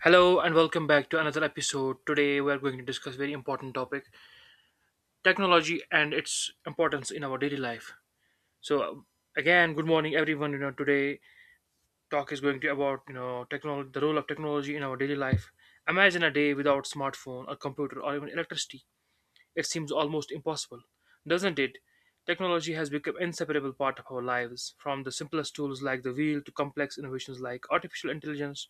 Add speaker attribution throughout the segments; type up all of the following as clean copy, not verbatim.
Speaker 1: Hello and welcome back to another episode. Today we are going to discuss very important topic, technology and its importance in our daily life. So uh, good morning everyone. Today talk is going to about, technology, the role of technology in our daily life. Imagine a day without smartphone, a computer or even electricity it seems almost impossible. Doesn't it? Technology has become an inseparable part of our lives, from the simplest tools like the wheel to complex innovations like artificial intelligence.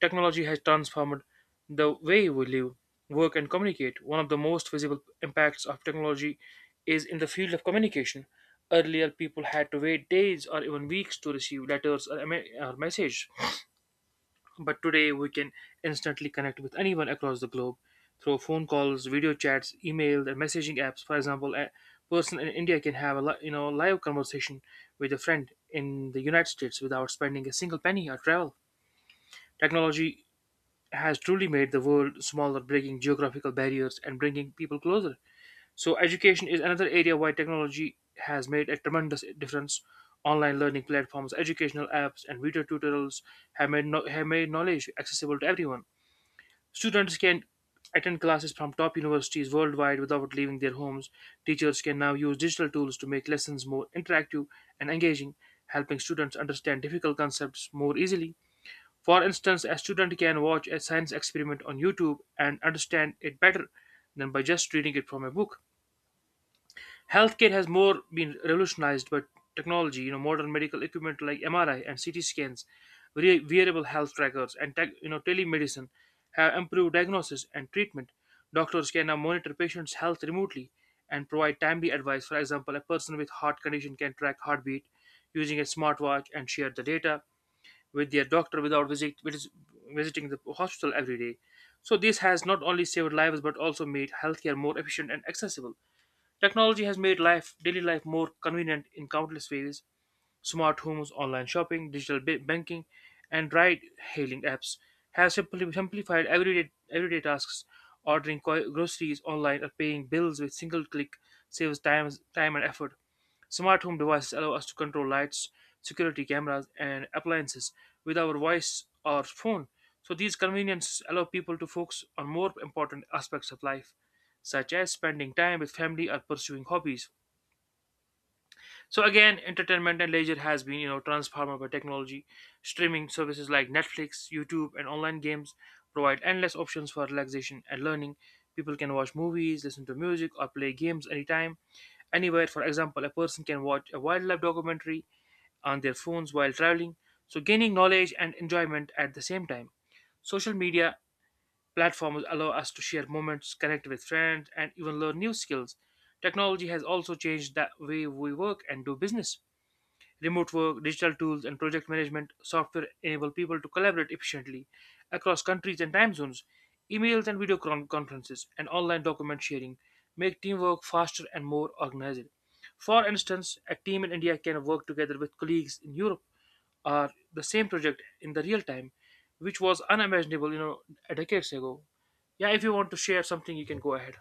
Speaker 1: Technology has transformed the way we live, work, and communicate. One of the most visible impacts of technology is in the field of communication. Earlier, people had to wait days or even weeks to receive letters or a me- or message. But today we can instantly connect with anyone across the globe through phone calls, video chats, email, and messaging apps. For example, a person in India can have a live conversation with a friend in the United States without spending a single penny or travel. Technology has truly made the world smaller, breaking geographical barriers and bringing people closer. So education is another area why technology has made a tremendous difference. Online learning platforms, educational apps, and video tutorials have made, no- have made knowledge accessible to everyone. Students can attend classes from top universities worldwide without leaving their homes. Teachers can now use digital tools to make lessons more interactive and engaging, helping students understand difficult concepts more easily. For instance, a student can watch a science experiment on YouTube and understand it better than by just reading it from a book. Healthcare has more been revolutionized by technology. Modern medical equipment like MRI and CT scans, wearable health trackers, and tech, you know telemedicine have improved diagnosis and treatment. Doctors can now monitor patients' health remotely and provide timely advice. For example, a person with heart condition can track heartbeat using a smartwatch and share the data with their doctor without visiting the hospital every day. So this has not only saved lives but also made healthcare more efficient and accessible. Technology has made daily life, more convenient in countless ways. Smart homes, online shopping, banking, and ride-hailing apps have simply simplified everyday tasks. Groceries online or paying bills with single click saves time and effort. Smart home devices allow us to control lights, security cameras, and appliances with our voice or phone. So, these conveniences allow people to focus on more important aspects of life, such as spending time with family or pursuing hobbies. Entertainment and leisure has been, transformed by technology. Streaming services like Netflix, YouTube, and online games provide endless options for relaxation and learning. People can watch movies, listen to music, or play games anytime, anywhere. For example, a person can watch a wildlife documentary on their phones while traveling, so gaining knowledge and enjoyment at the same time. Social media platforms allow us to share moments, connect with friends, and even learn new skills. Technology has also changed the way we work and do business. Remote work, digital tools, and project management software enable people to collaborate efficiently across countries and time zones. Emails and conferences and online document sharing make teamwork faster and more organized. For instance, a team in India can work together with colleagues in Europe or the same project in the real time, which was unimaginable, decades ago. Yeah, if you want to share something, you can go ahead.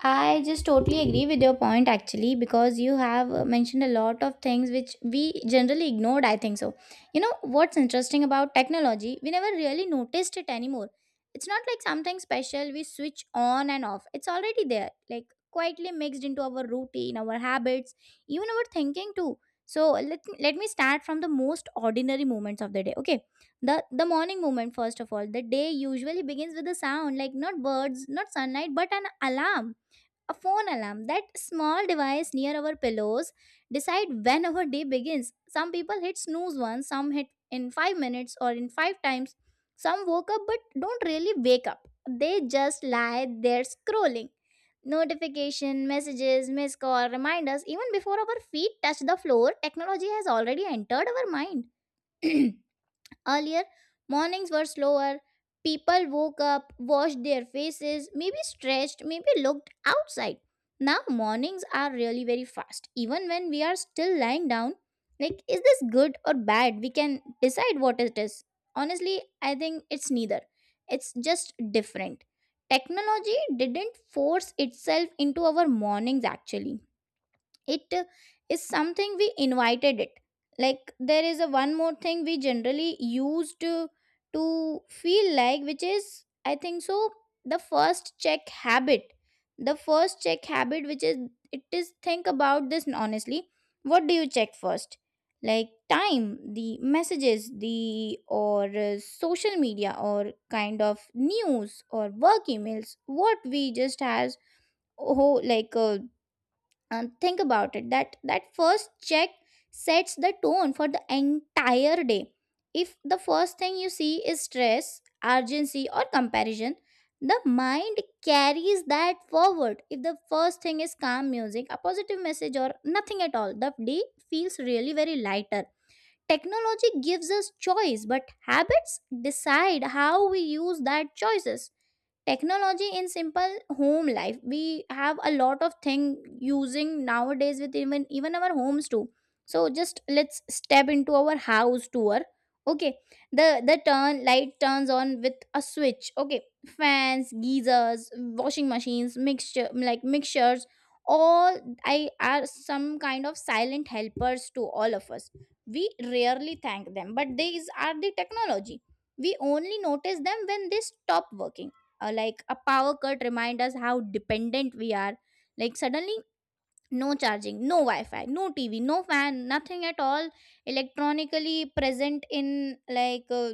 Speaker 2: I just totally agree with your point actually because you have mentioned a lot of things which we generally ignored, I think so. You know what's interesting about technology, we never really noticed it anymore. It's not like something special we switch on and off. It's already there, like quietly mixed into our routine, our habits, even our thinking too. So let me start from the most ordinary moments of the day. Okay. The morning moment first of all. The day usually begins with a sound, like not birds, not sunlight, but an alarm, a phone alarm, that small device near our pillows decide when our day begins. Some people hit snooze once, some hit in 5 minutes or in 5 times. Some woke up but don't really wake up, they just lie there scrolling. Notification messages, missed call reminders, even before our feet touch the floor technology has already entered our mind. Earlier, mornings were slower. People woke up, washed their faces, maybe stretched, maybe looked outside. Now, mornings are really very fast. Even when we are still lying down, like, is this good or bad? We can decide what it is. Honestly, I think it's neither. It's just different. Technology didn't force itself into our mornings actually, it is something we invited it. Like there is a one more thing we generally used to feel like, which is I think so, the first check habit the first check habit, which is, it is, think about this honestly. What do you check first? Like, time, the messages, the or social media or kind of news or work emails, what we just has. Oh, like, and think about it, that first check sets the tone for the entire day. If the first thing you see is stress, urgency, or comparison, the mind carries that forward. If the first thing is calm music, a positive message, or nothing at all, the day feels really very lighter. Technology gives us choice, but habits decide how we use that choices. Technology in simple home life, we have a lot of thing using nowadays with even our homes too. So just let's step into our house tour. Okay. The the turn light turns on with a switch. Okay. Fans, geysers, washing machines, mixture, like mixtures, all I are some kind of silent helpers to all of us. We rarely thank them but these are the technology. We only notice them when they stop working. Like a power cut remind us how dependent we are. Like suddenly, no charging, no wi-fi, no tv, no fan, nothing at all electronically present in like uh,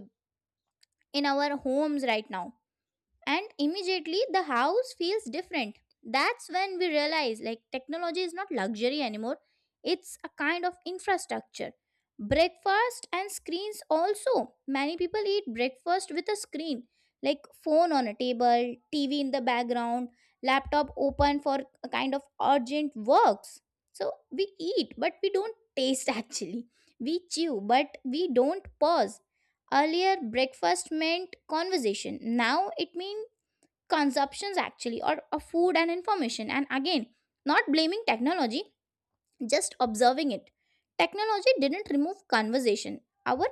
Speaker 2: in our homes right now. And immediately the house feels different. That's when we realize like technology is not luxury anymore, it's a kind of infrastructure. Breakfast and screens also, many people eat breakfast with a screen, like phone on a table, tv in the background, laptop open for a kind of urgent works. So we eat but we don't taste actually, we chew but we don't pause. Earlier breakfast meant conversation, now it means consumptions actually, or of food and information. And again, not blaming technology, just observing it. Technology didn't remove conversation, our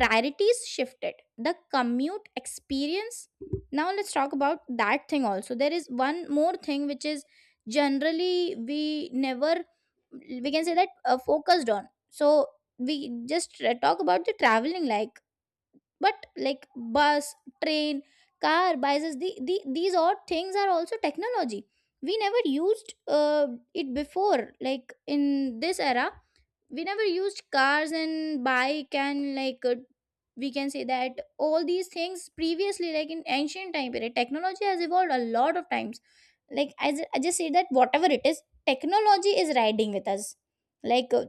Speaker 2: priorities shifted. The commute experience, now let's talk about that thing also. There is one more thing which is generally we never we can say that focused on. So we just talk about the traveling, like, but like bus, train, car, buses, the these odd things are also technology. We never used it before like in this era. We never used cars and bike and like, we can say that all these things previously, like in ancient time period, technology has evolved a lot of times. Like as I just say that whatever it is, technology is riding with us. Like,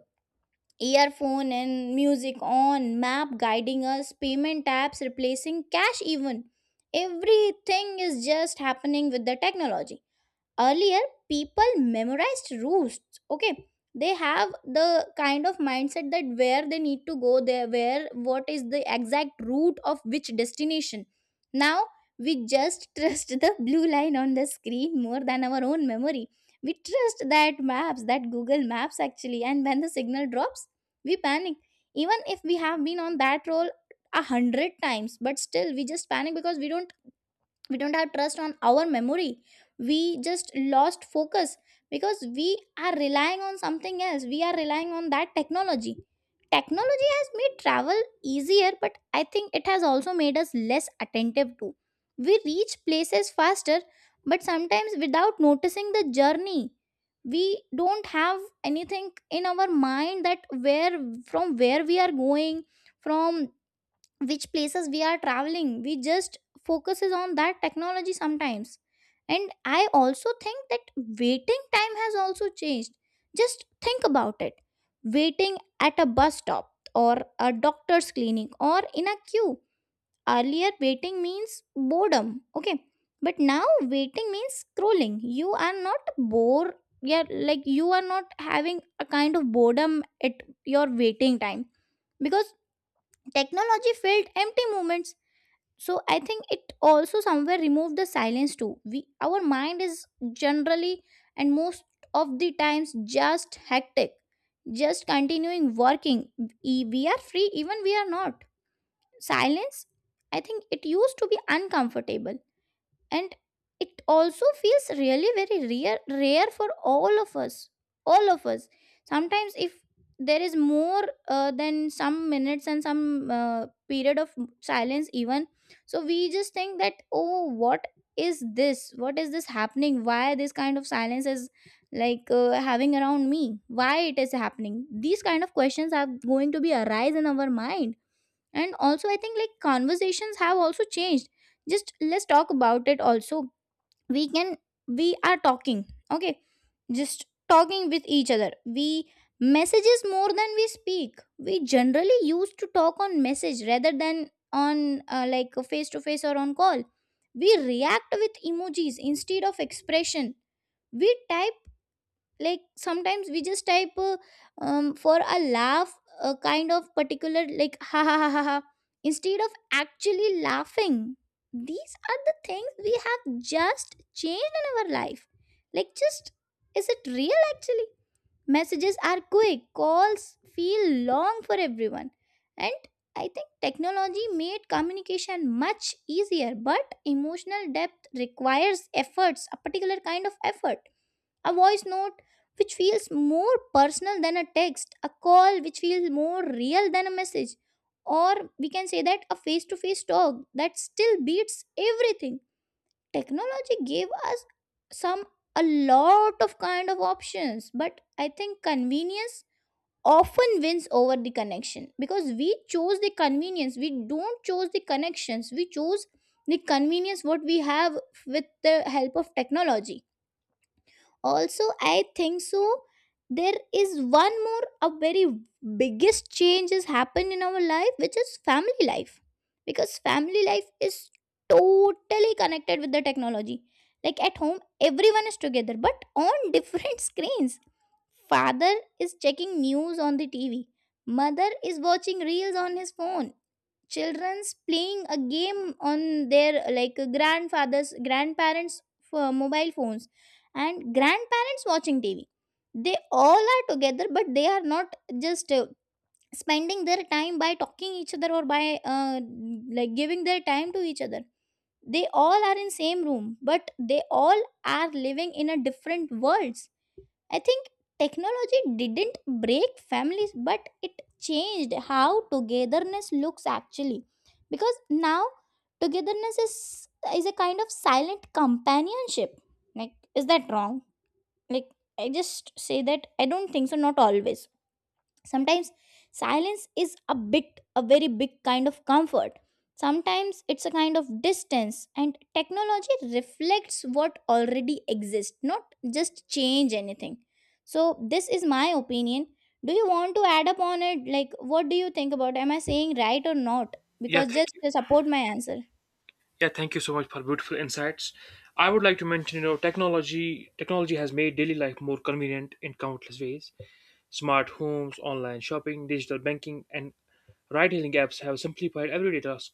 Speaker 2: earphone and music on, map guiding us, payment apps replacing cash, even everything is just happening with the technology. Earlier people memorized routes, okay. They have the kind of mindset that where they need to go there, where what is the exact route of which destination. Now we just trust the blue line on the screen more than our own memory. We trust that maps, that google maps actually, and when the signal drops we panic, even if we have been on that roll 100 times. But still we just panic because we don't have trust on our memory. We just lost focus because we are relying on something else, we are relying on that technology. Technology has made travel easier, but I think it has also made us less attentive too. We reach places faster, but sometimes without noticing the journey. We don't have anything in our mind that where, from where we are going, from which places we are traveling, we just focuses on that technology sometimes. And I also think that waiting time has also changed. Just think about it, waiting at a bus stop or a doctor's clinic or in a queue. Earlier waiting means boredom, okay, but now waiting means scrolling, you are not bored. Yeah, like you are not having a kind of boredom at your waiting time. Because technology filled empty moments. So I think it also somewhere removed the silence too. We, our mind is generally, and most of the times just hectic, just continuing working. We are free, even we are not silence. I think it used to be uncomfortable. And it also feels really very rare for all of us. Sometimes if there is more than some minutes and some period of silence even, so we just think that, oh, what is this happening, why this kind of silence is like having around me, why it is happening. These kind of questions are going to be arise in our mind. And also I think like conversations have also changed. Just let's talk about it also. We can we are talking, okay, just talking with each other. We messages more than we speak, we generally used to talk on message rather than on like face to face or on call. We react with emojis instead of expression. We type, like sometimes we just type for a laugh, a kind of particular like ha ha ha ha ha instead of actually laughing. These are the things we have just changed in our life. Like, just, is it real actually? Messages are quick, calls feel long for everyone. And I think technology made communication much easier, but emotional depth requires efforts, a particular kind of effort. A voice note, which feels more personal than a text, a call which feels more real than a message, or we can say that a face to face talk, that still beats everything. Technology gave us some a lot of kind of options, but I think convenience often wins over the connection, because we chose the convenience, we don't chose the connections, we chose the convenience what we have with the help of technology. Also I think so, there is one more, a very biggest change has happened in our life, which is family life. Because family life is totally connected with the technology. Like at home, everyone is together but on different screens. Father is checking news on the tv, mother is watching reels on his phone, children's playing a game on their, like, grandfathers grandparents for mobile phones, and grandparents watching tv. They all are together but they are not just spending their time by talking each other or by uh, like giving their time to each other. They all are in same room but they all are living in a different worlds. I think technology didn't break families, but it changed how togetherness looks actually. Because now togetherness is a kind of silent companionship. Like, is that wrong? Like, I just say that I don't think so. Not always, sometimes silence is a bit, a very big kind of comfort, sometimes it's a kind of distance. And technology reflects what already exists, not just change anything. So this is my opinion. Do you want to add up on it, like what do you think, about am I saying right or not?
Speaker 1: Yeah,
Speaker 2: Because
Speaker 1: thank
Speaker 2: just
Speaker 1: you.
Speaker 2: to support my answer.
Speaker 1: Yeah, thank you so much for beautiful insights. I would like to mention, technology has made daily life more convenient in countless ways. Smart homes, online shopping, digital banking, and ride-hailing apps have simplified everyday tasks.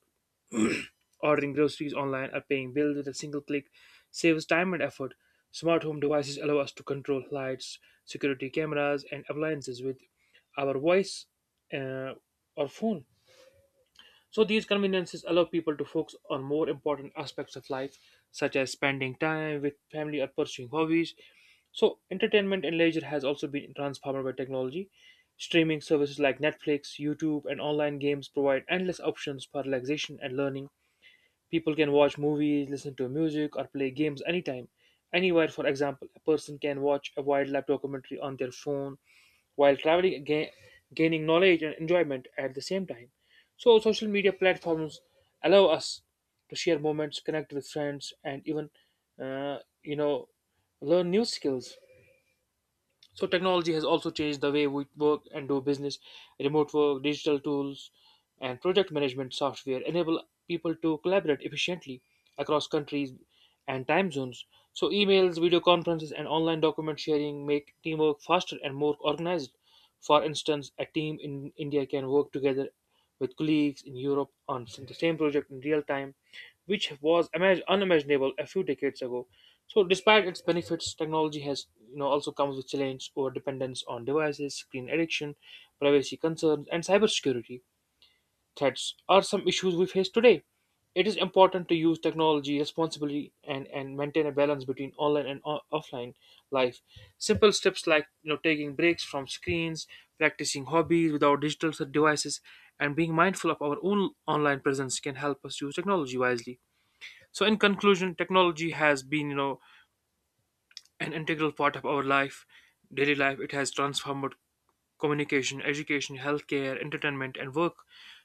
Speaker 1: Ordering groceries online or paying bills with a single click saves time and effort. Smart home devices allow us to control lights, security cameras, and appliances with our voice uh, or phone. So these conveniences allow people to focus on more important aspects of life, such as spending time with family or pursuing hobbies. So entertainment and leisure has also been transformed by technology. Streaming services like Netflix, YouTube, and online games provide endless options for relaxation and learning. People can watch movies, listen to music, or play games anytime, anywhere. For example, a person can watch a wildlife documentary on their phone while gaining knowledge and enjoyment at the same time. So, social media platforms allow us to share moments, connect with friends, and even, uh, you know, learn new skills. So technology has also changed the way we work and do business. Remote work, digital tools, and project management software enable people to collaborate efficiently across countries and time zones. So emails, video conferences, and online document sharing make teamwork faster and more organized. For instance, a team in India can work together with colleagues in Europe on the same project in real time, which was unimaginable a few decades ago. So, despite its benefits, technology has also comes with challenges: over dependence on devices, screen addiction, privacy concerns, and cybersecurity threats are some issues we face today. It is important to use technology responsibly and maintain a balance between online and offline life. Simple steps like taking breaks from screens, practicing hobbies without digital devices, and being mindful of our own online presence can help us use technology wisely. So, in conclusion, technology has been an integral part of our life, daily life. It has transformed communication, education, healthcare, entertainment, and work,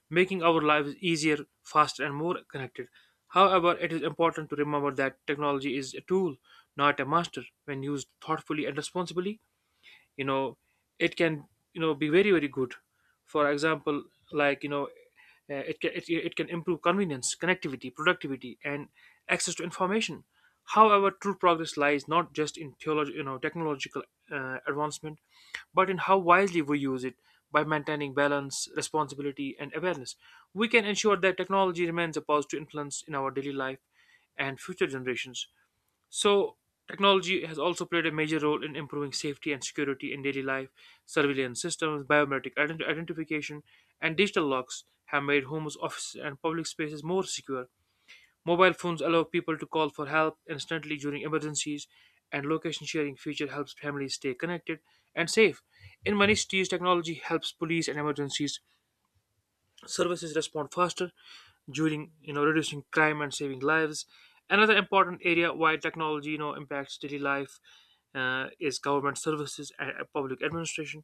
Speaker 1: making our lives easier, faster, and more connected. However, it is important to remember that technology is a tool, not a master. When used thoughtfully and responsibly, you know it can be very good, for example, like you know it can improve convenience, connectivity, productivity, and access to information. However, true progress lies not just in theology you know technological advancement but in how wisely we use it by maintaining balance, responsibility, and awareness. We can ensure that technology remains a positive influence in our daily life and future generations. So, technology has also played a major role in improving safety and security in daily life. Surveillance systems, identification, and digital locks have made homes, offices, and public spaces more secure. Mobile phones allow people to call for help instantly during emergencies, and location sharing feature helps families stay connected and safe. In many cities, technology helps police and emergencies services respond faster during, reducing crime and saving lives. Another important area why technology, impacts daily life, is government services and public administration.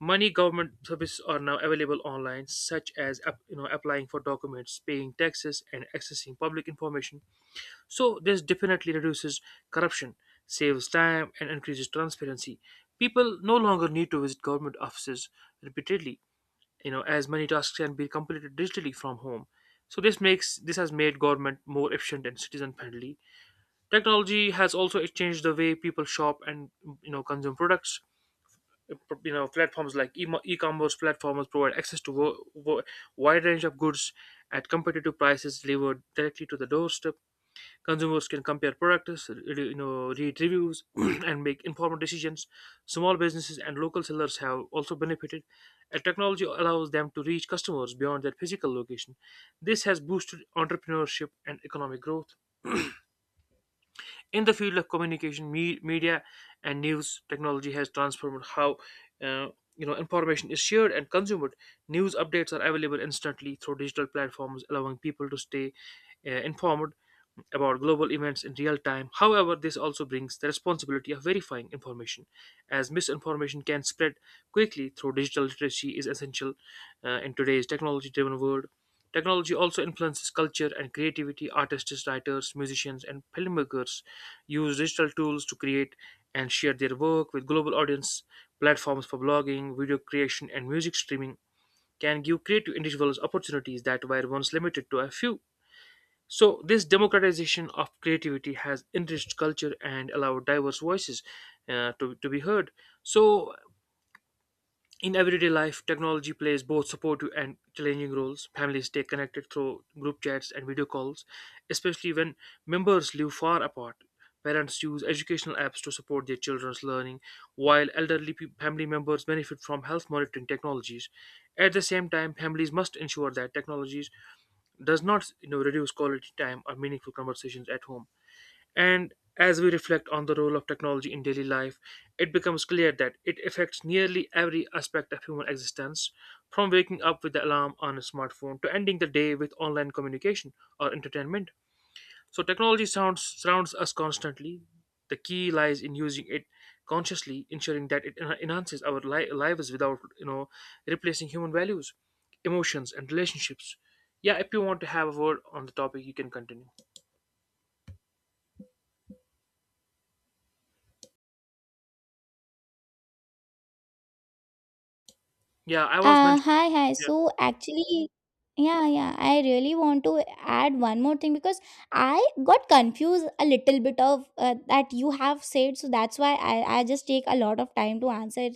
Speaker 1: Money government services are now available online, such as applying for documents, paying taxes, and accessing public information. So this definitely reduces corruption, saves time, and increases transparency. People no longer need to visit government offices repeatedly, as many tasks can be completed digitally from home. So this has made government more efficient and citizen friendly. Technology has also changed the way people shop and, consume products. Platforms like e-commerce platforms provide access to a wide range of goods at competitive prices delivered directly to the doorstep. Consumers can compare products, read reviews, and make informed decisions. Small businesses and local sellers have also benefited, and technology allows them to reach customers beyond their physical location. This has boosted entrepreneurship and economic growth. In the field of communication, media, and news, technology has transformed how uh, information is shared and consumed. News updates are available instantly through digital platforms, allowing people to stay informed about global events in real time. However, this also brings the responsibility of verifying information, as misinformation can spread quickly through digital literacy is essential in today's technology-driven world. Technology also influences culture and creativity. Artists, writers, musicians, and filmmakers use digital tools to create and share their work with global audience. Platforms for blogging, video creation, and music streaming can give creative individuals opportunities that were once limited to a few. So, this democratization of creativity has enriched culture and allowed diverse voices to be heard. So, in everyday life, technology plays both supportive and challenging roles. Families stay connected through group chats and video calls, especially when members live far apart. Parents use educational apps to support their children's learning, while family members benefit from health monitoring technologies. At the same time, families must ensure that technologies does not reduce quality time or meaningful conversations at home, and as we reflect on the role of technology in daily life, it becomes clear that it affects nearly every aspect of human existence, from waking up with the alarm on a smartphone to ending the day with online communication or entertainment. So technology sounds surrounds us constantly. The key lies in using it consciously, ensuring that it enhances our lives without, replacing human values, emotions, and relationships. Yeah, if you want to have a word on the topic, you can continue. Yeah, I was mentioning.
Speaker 2: Hi, hi.
Speaker 1: Yeah,
Speaker 2: So actually, yeah, yeah, I really want to add one more thing because I got confused a little bit of that you have said. So that's why I just take a lot of time to answer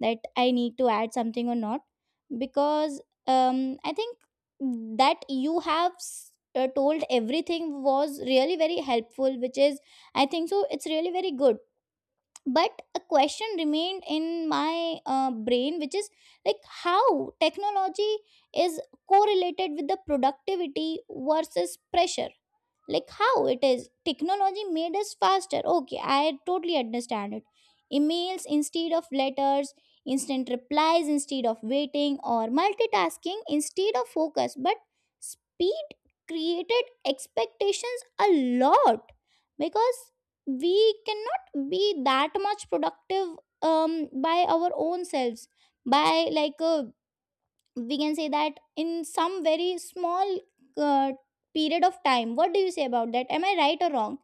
Speaker 2: that I need to add something or not. Because I think that you have told everything was really very helpful, which is, I think so, it's really very good, but a question remained in my brain, which is like how technology is correlated with the productivity versus pressure. Like, how it is technology made us faster. Okay, I totally understand it. Emails instead of letters, instant replies instead of waiting, or multitasking instead of focus. But speed created expectations a lot, because we cannot be that much productive by our own selves, by we can say that, in some very small uh, period of time. What do you say about that? Am I right or wrong?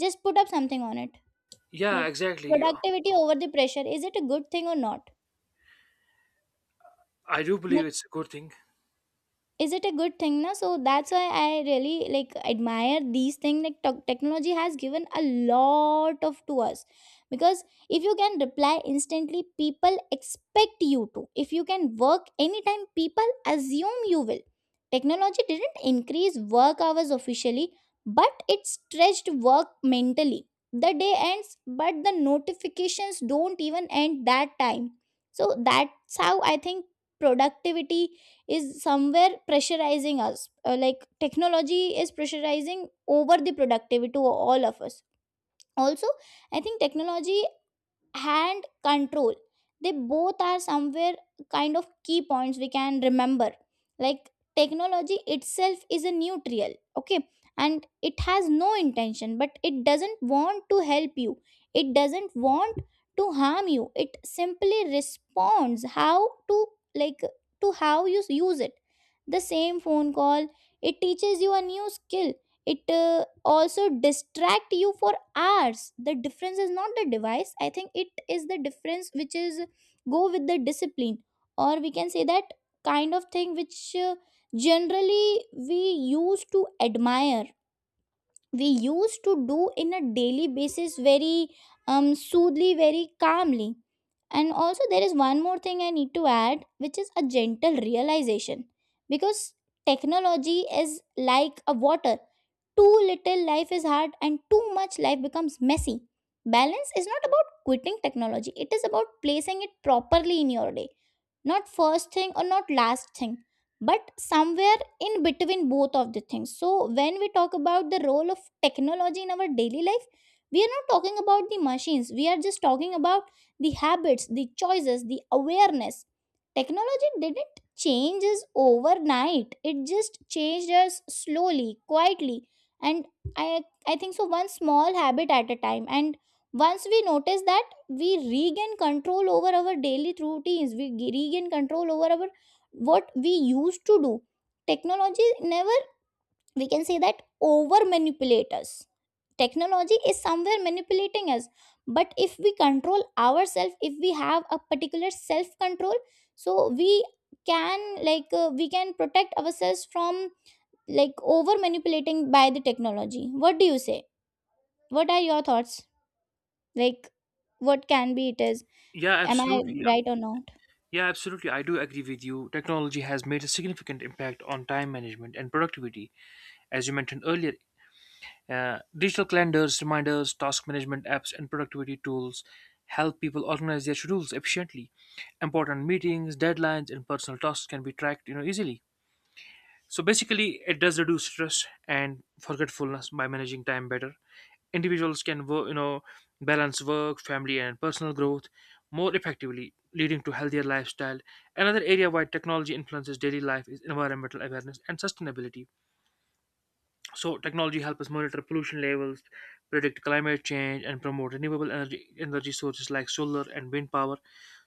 Speaker 2: Just put up something on it.
Speaker 1: yeah,
Speaker 2: Like,
Speaker 1: exactly.
Speaker 2: productivity over the pressure, is it a good thing or not?
Speaker 1: I do believe it's a good thing.
Speaker 2: Is it a good thing, na? So that's why I really like admire these things, like technology has given a lot of to us. Because if you can reply instantly, people expect you to. If you can work anytime, people assume you will. Technology didn't increase work hours officially, but it stretched work mentally. The day ends, but the notifications don't even end that time. So that's how I think productivity is somewhere pressurizing us. Like technology is pressurizing over the productivity to all of us. Also, I think technology, hand control, they both are somewhere kind of key points we can remember. Like, technology itself is a neutral, okay, and it has no intention, but it doesn't want to help you, it doesn't want to harm you. It simply responds how to, like, to how you use it. The same phone call, it teaches you a new skill, it also distract you for hours. The difference is not the device, I think it is the difference, which is go with the discipline, or we can say that kind of thing which generally we used to admire, we used to do in a daily basis, very soothly, very calmly. And also there is one more thing I need to add, which is a gentle realization. Because technology is like a water: too little, life is hard, and too much, life becomes messy. Balance is not about quitting technology, it is about placing it properly in your day, not first thing or not last thing, but somewhere in between both of the things. So when we talk about the role of technology in our daily life, we are not talking about the machines, we are just talking about the habits, the choices, the awareness. Technology didn't change us overnight, it just changed us slowly, quietly. And i I think so, one small habit at a time, and once we notice that, we regain control over our daily routines, we regain control over our what we used to do. Technology never, we can say that, over manipulate us. Technology is somewhere manipulating us, but if we control ourselves, if we have a particular self control, so we can we can protect ourselves from like over manipulating by the technology. What do you say? What are your thoughts? Like, what can be it is.
Speaker 1: Yeah,
Speaker 2: Am I
Speaker 1: absolutely.
Speaker 2: right or not?
Speaker 1: Yeah, absolutely. I do agree with you. Technology has made a significant impact on time management and productivity. As you mentioned earlier, digital calendars, reminders, task management apps, and productivity tools help people organize their schedules efficiently. Important meetings, deadlines, and personal tasks can be tracked, easily. So basically, it does reduce stress and forgetfulness by managing time better. Individuals can, balance work, family, and personal growth more effectively, leading to healthier lifestyle. Another area where technology influences daily life is environmental awareness and sustainability. So technology helps us monitor pollution levels, predict climate change, and promote renewable energy sources like solar and wind power.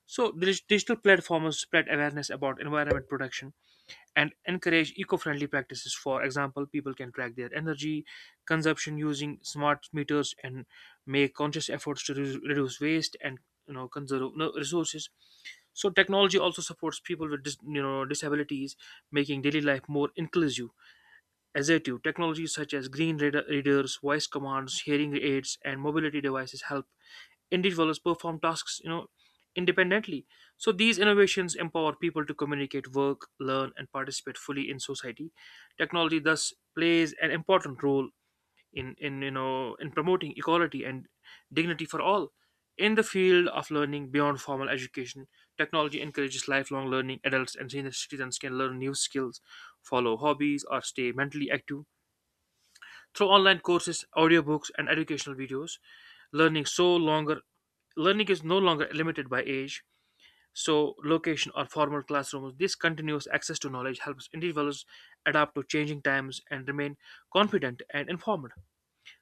Speaker 1: So digital platforms spread awareness about environment protection and encourage eco-friendly practices. For example, people can track their energy consumption using smart meters and make conscious efforts to reduce waste and conserve you resources. So technology also supports people with dis, disabilities, making daily life more inclusive. Assertive technologies such as green readers, voice commands, hearing aids, and mobility devices help individuals perform tasks, independently. So these innovations empower people to communicate, work, learn, and participate fully in society. Technology thus plays an important role in in promoting equality and dignity for all. In the field of learning beyond formal education, technology encourages lifelong learning. Adults and senior citizens can learn new skills, follow hobbies, or stay mentally active through online courses, audiobooks, and educational videos, learning so longer learning is no longer limited by age, location or formal classrooms. This continuous access to knowledge helps individuals adapt to changing times and remain confident and informed.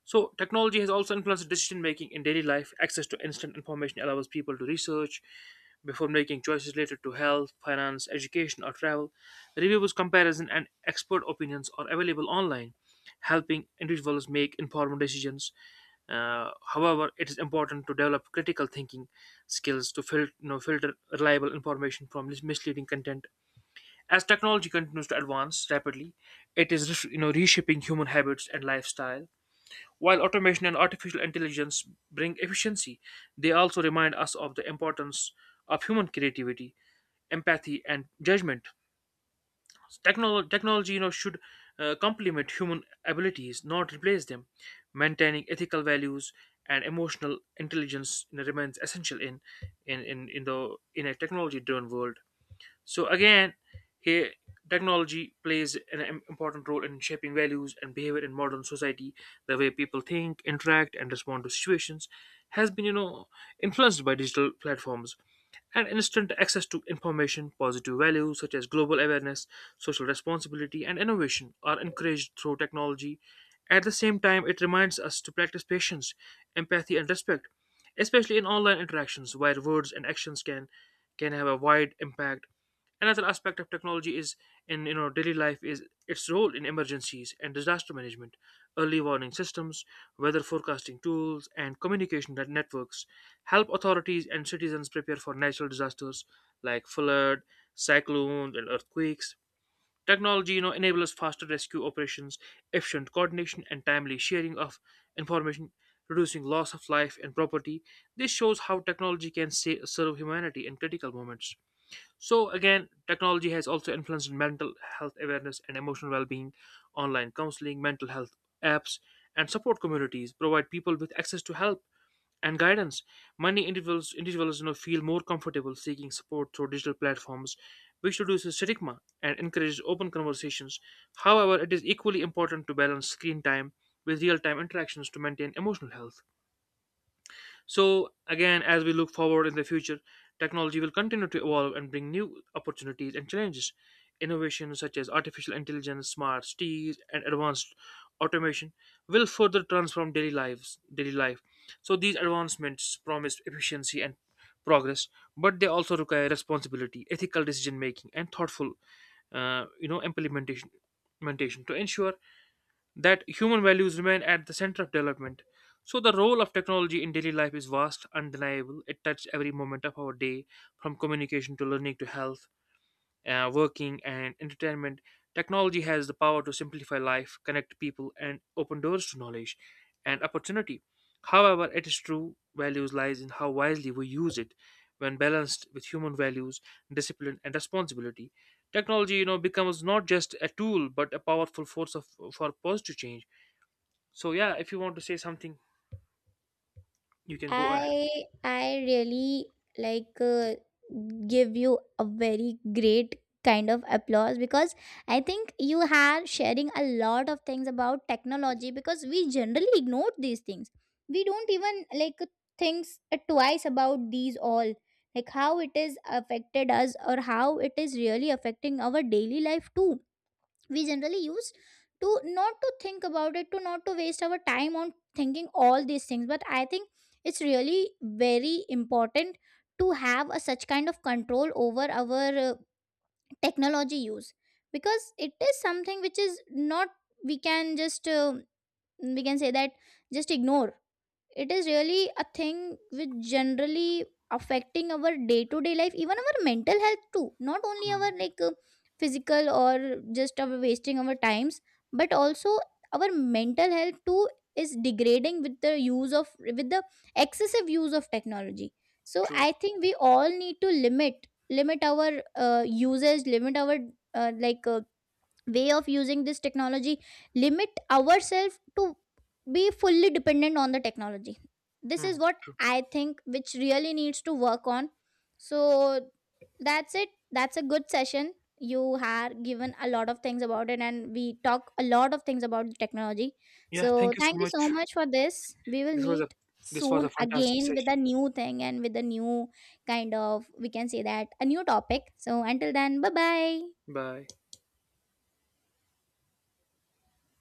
Speaker 1: So, technology has also influenced decision making in daily life. Access to instant information allows people to research before making choices related to health, finance, education, or travel. Reviews, comparison, and expert opinions are available online, helping individuals make informed decisions. However, it is important to develop critical thinking skills to filter reliable information from misleading content. As technology continues to advance rapidly, it is reshaping human habits and lifestyle, while automation and artificial intelligence bring efficiency, they also remind us of the importance of human creativity, empathy, and judgment. Technology should complement human abilities, not replace them. Maintaining ethical values and emotional intelligence remains essential in a technology driven world. So again, here technology plays an important role in shaping values and behavior in modern society. The way people think, interact, and respond to situations has been, influenced by digital platforms and instant access to information, positive values such as global awareness, social responsibility, and innovation are encouraged through technology. At the same time, it reminds us to practice patience, empathy, and respect, especially in online interactions where words and actions can have a wide impact. Another aspect of technology is in daily life is its role in emergencies and disaster management, early warning systems, weather forecasting tools, and communication networks help authorities and citizens prepare for natural disasters like flood, cyclones, and earthquakes. Technology, enables faster rescue operations, efficient coordination, and timely sharing of information, reducing loss of life and property. This shows how technology can serve humanity in critical moments. So, again, technology has also influenced mental health awareness and emotional well being. Online counseling, mental health apps, and support communities provide people with access to help and guidance. Many individuals, feel more comfortable seeking support through digital platforms, which reduces stigma and encourages open conversations. However, it is equally important to balance screen time with real time interactions to maintain emotional health. So, again, as we look forward in the future, technology will continue to evolve and bring new opportunities and challenges. Innovations such as artificial intelligence, smart cities, and advanced automation will further transform daily life. So, these advancements promise efficiency and progress, but they also require responsibility, ethical decision making, and thoughtful, uh, you know, implementation, implementation to ensure that human values remain at the center of development. So, the role of technology in daily life is vast, undeniable. It touches every moment of our day, from communication to learning to health, working, and entertainment. Technology has the power to simplify life, connect people, and open doors to knowledge and opportunity. However, its true values lies in how wisely we use it. When balanced with human values, discipline, and responsibility, technology, becomes not just a tool but a powerful force for positive change. So yeah, if you want to say something, you can go ahead.
Speaker 2: I really like uh, give you a very great kind of applause, because I think you are sharing a lot of things about technology, because we generally ignore these things. We don't even like think twice about these all, like how it is affected us or how it is really affecting our daily life too. We generally use to not to think about it, to not to waste our time on thinking all these things, but I think it's really very important to have a such kind of control over our technology use. Because it is something which is not, we can just we can say that, just ignore. It is really a thing which generally affecting our day to day life, even our mental health too, not only
Speaker 1: Hmm.
Speaker 2: our physical or just our wasting our times, but also our mental health too is degrading with the use of, with the excessive use of technology. So
Speaker 1: True.
Speaker 2: I think we all need to limit our usage, limit our uh, like uh, way of using this technology, limit ourselves to be fully dependent on the technology. This
Speaker 1: Hmm.
Speaker 2: is what
Speaker 1: True.
Speaker 2: I think which really needs to work on. So that's it. That's a good session. You have given a lot of things about it, and we talk a lot of things about the technology.
Speaker 1: Yeah,
Speaker 2: So
Speaker 1: thank you so
Speaker 2: thank you
Speaker 1: much.
Speaker 2: so much for this. We will
Speaker 1: This was a
Speaker 2: meet soon
Speaker 1: fantastic
Speaker 2: again with
Speaker 1: session.
Speaker 2: a new thing and with a new kind of, we can say that, a new topic. So until then, bye bye.
Speaker 1: Bye.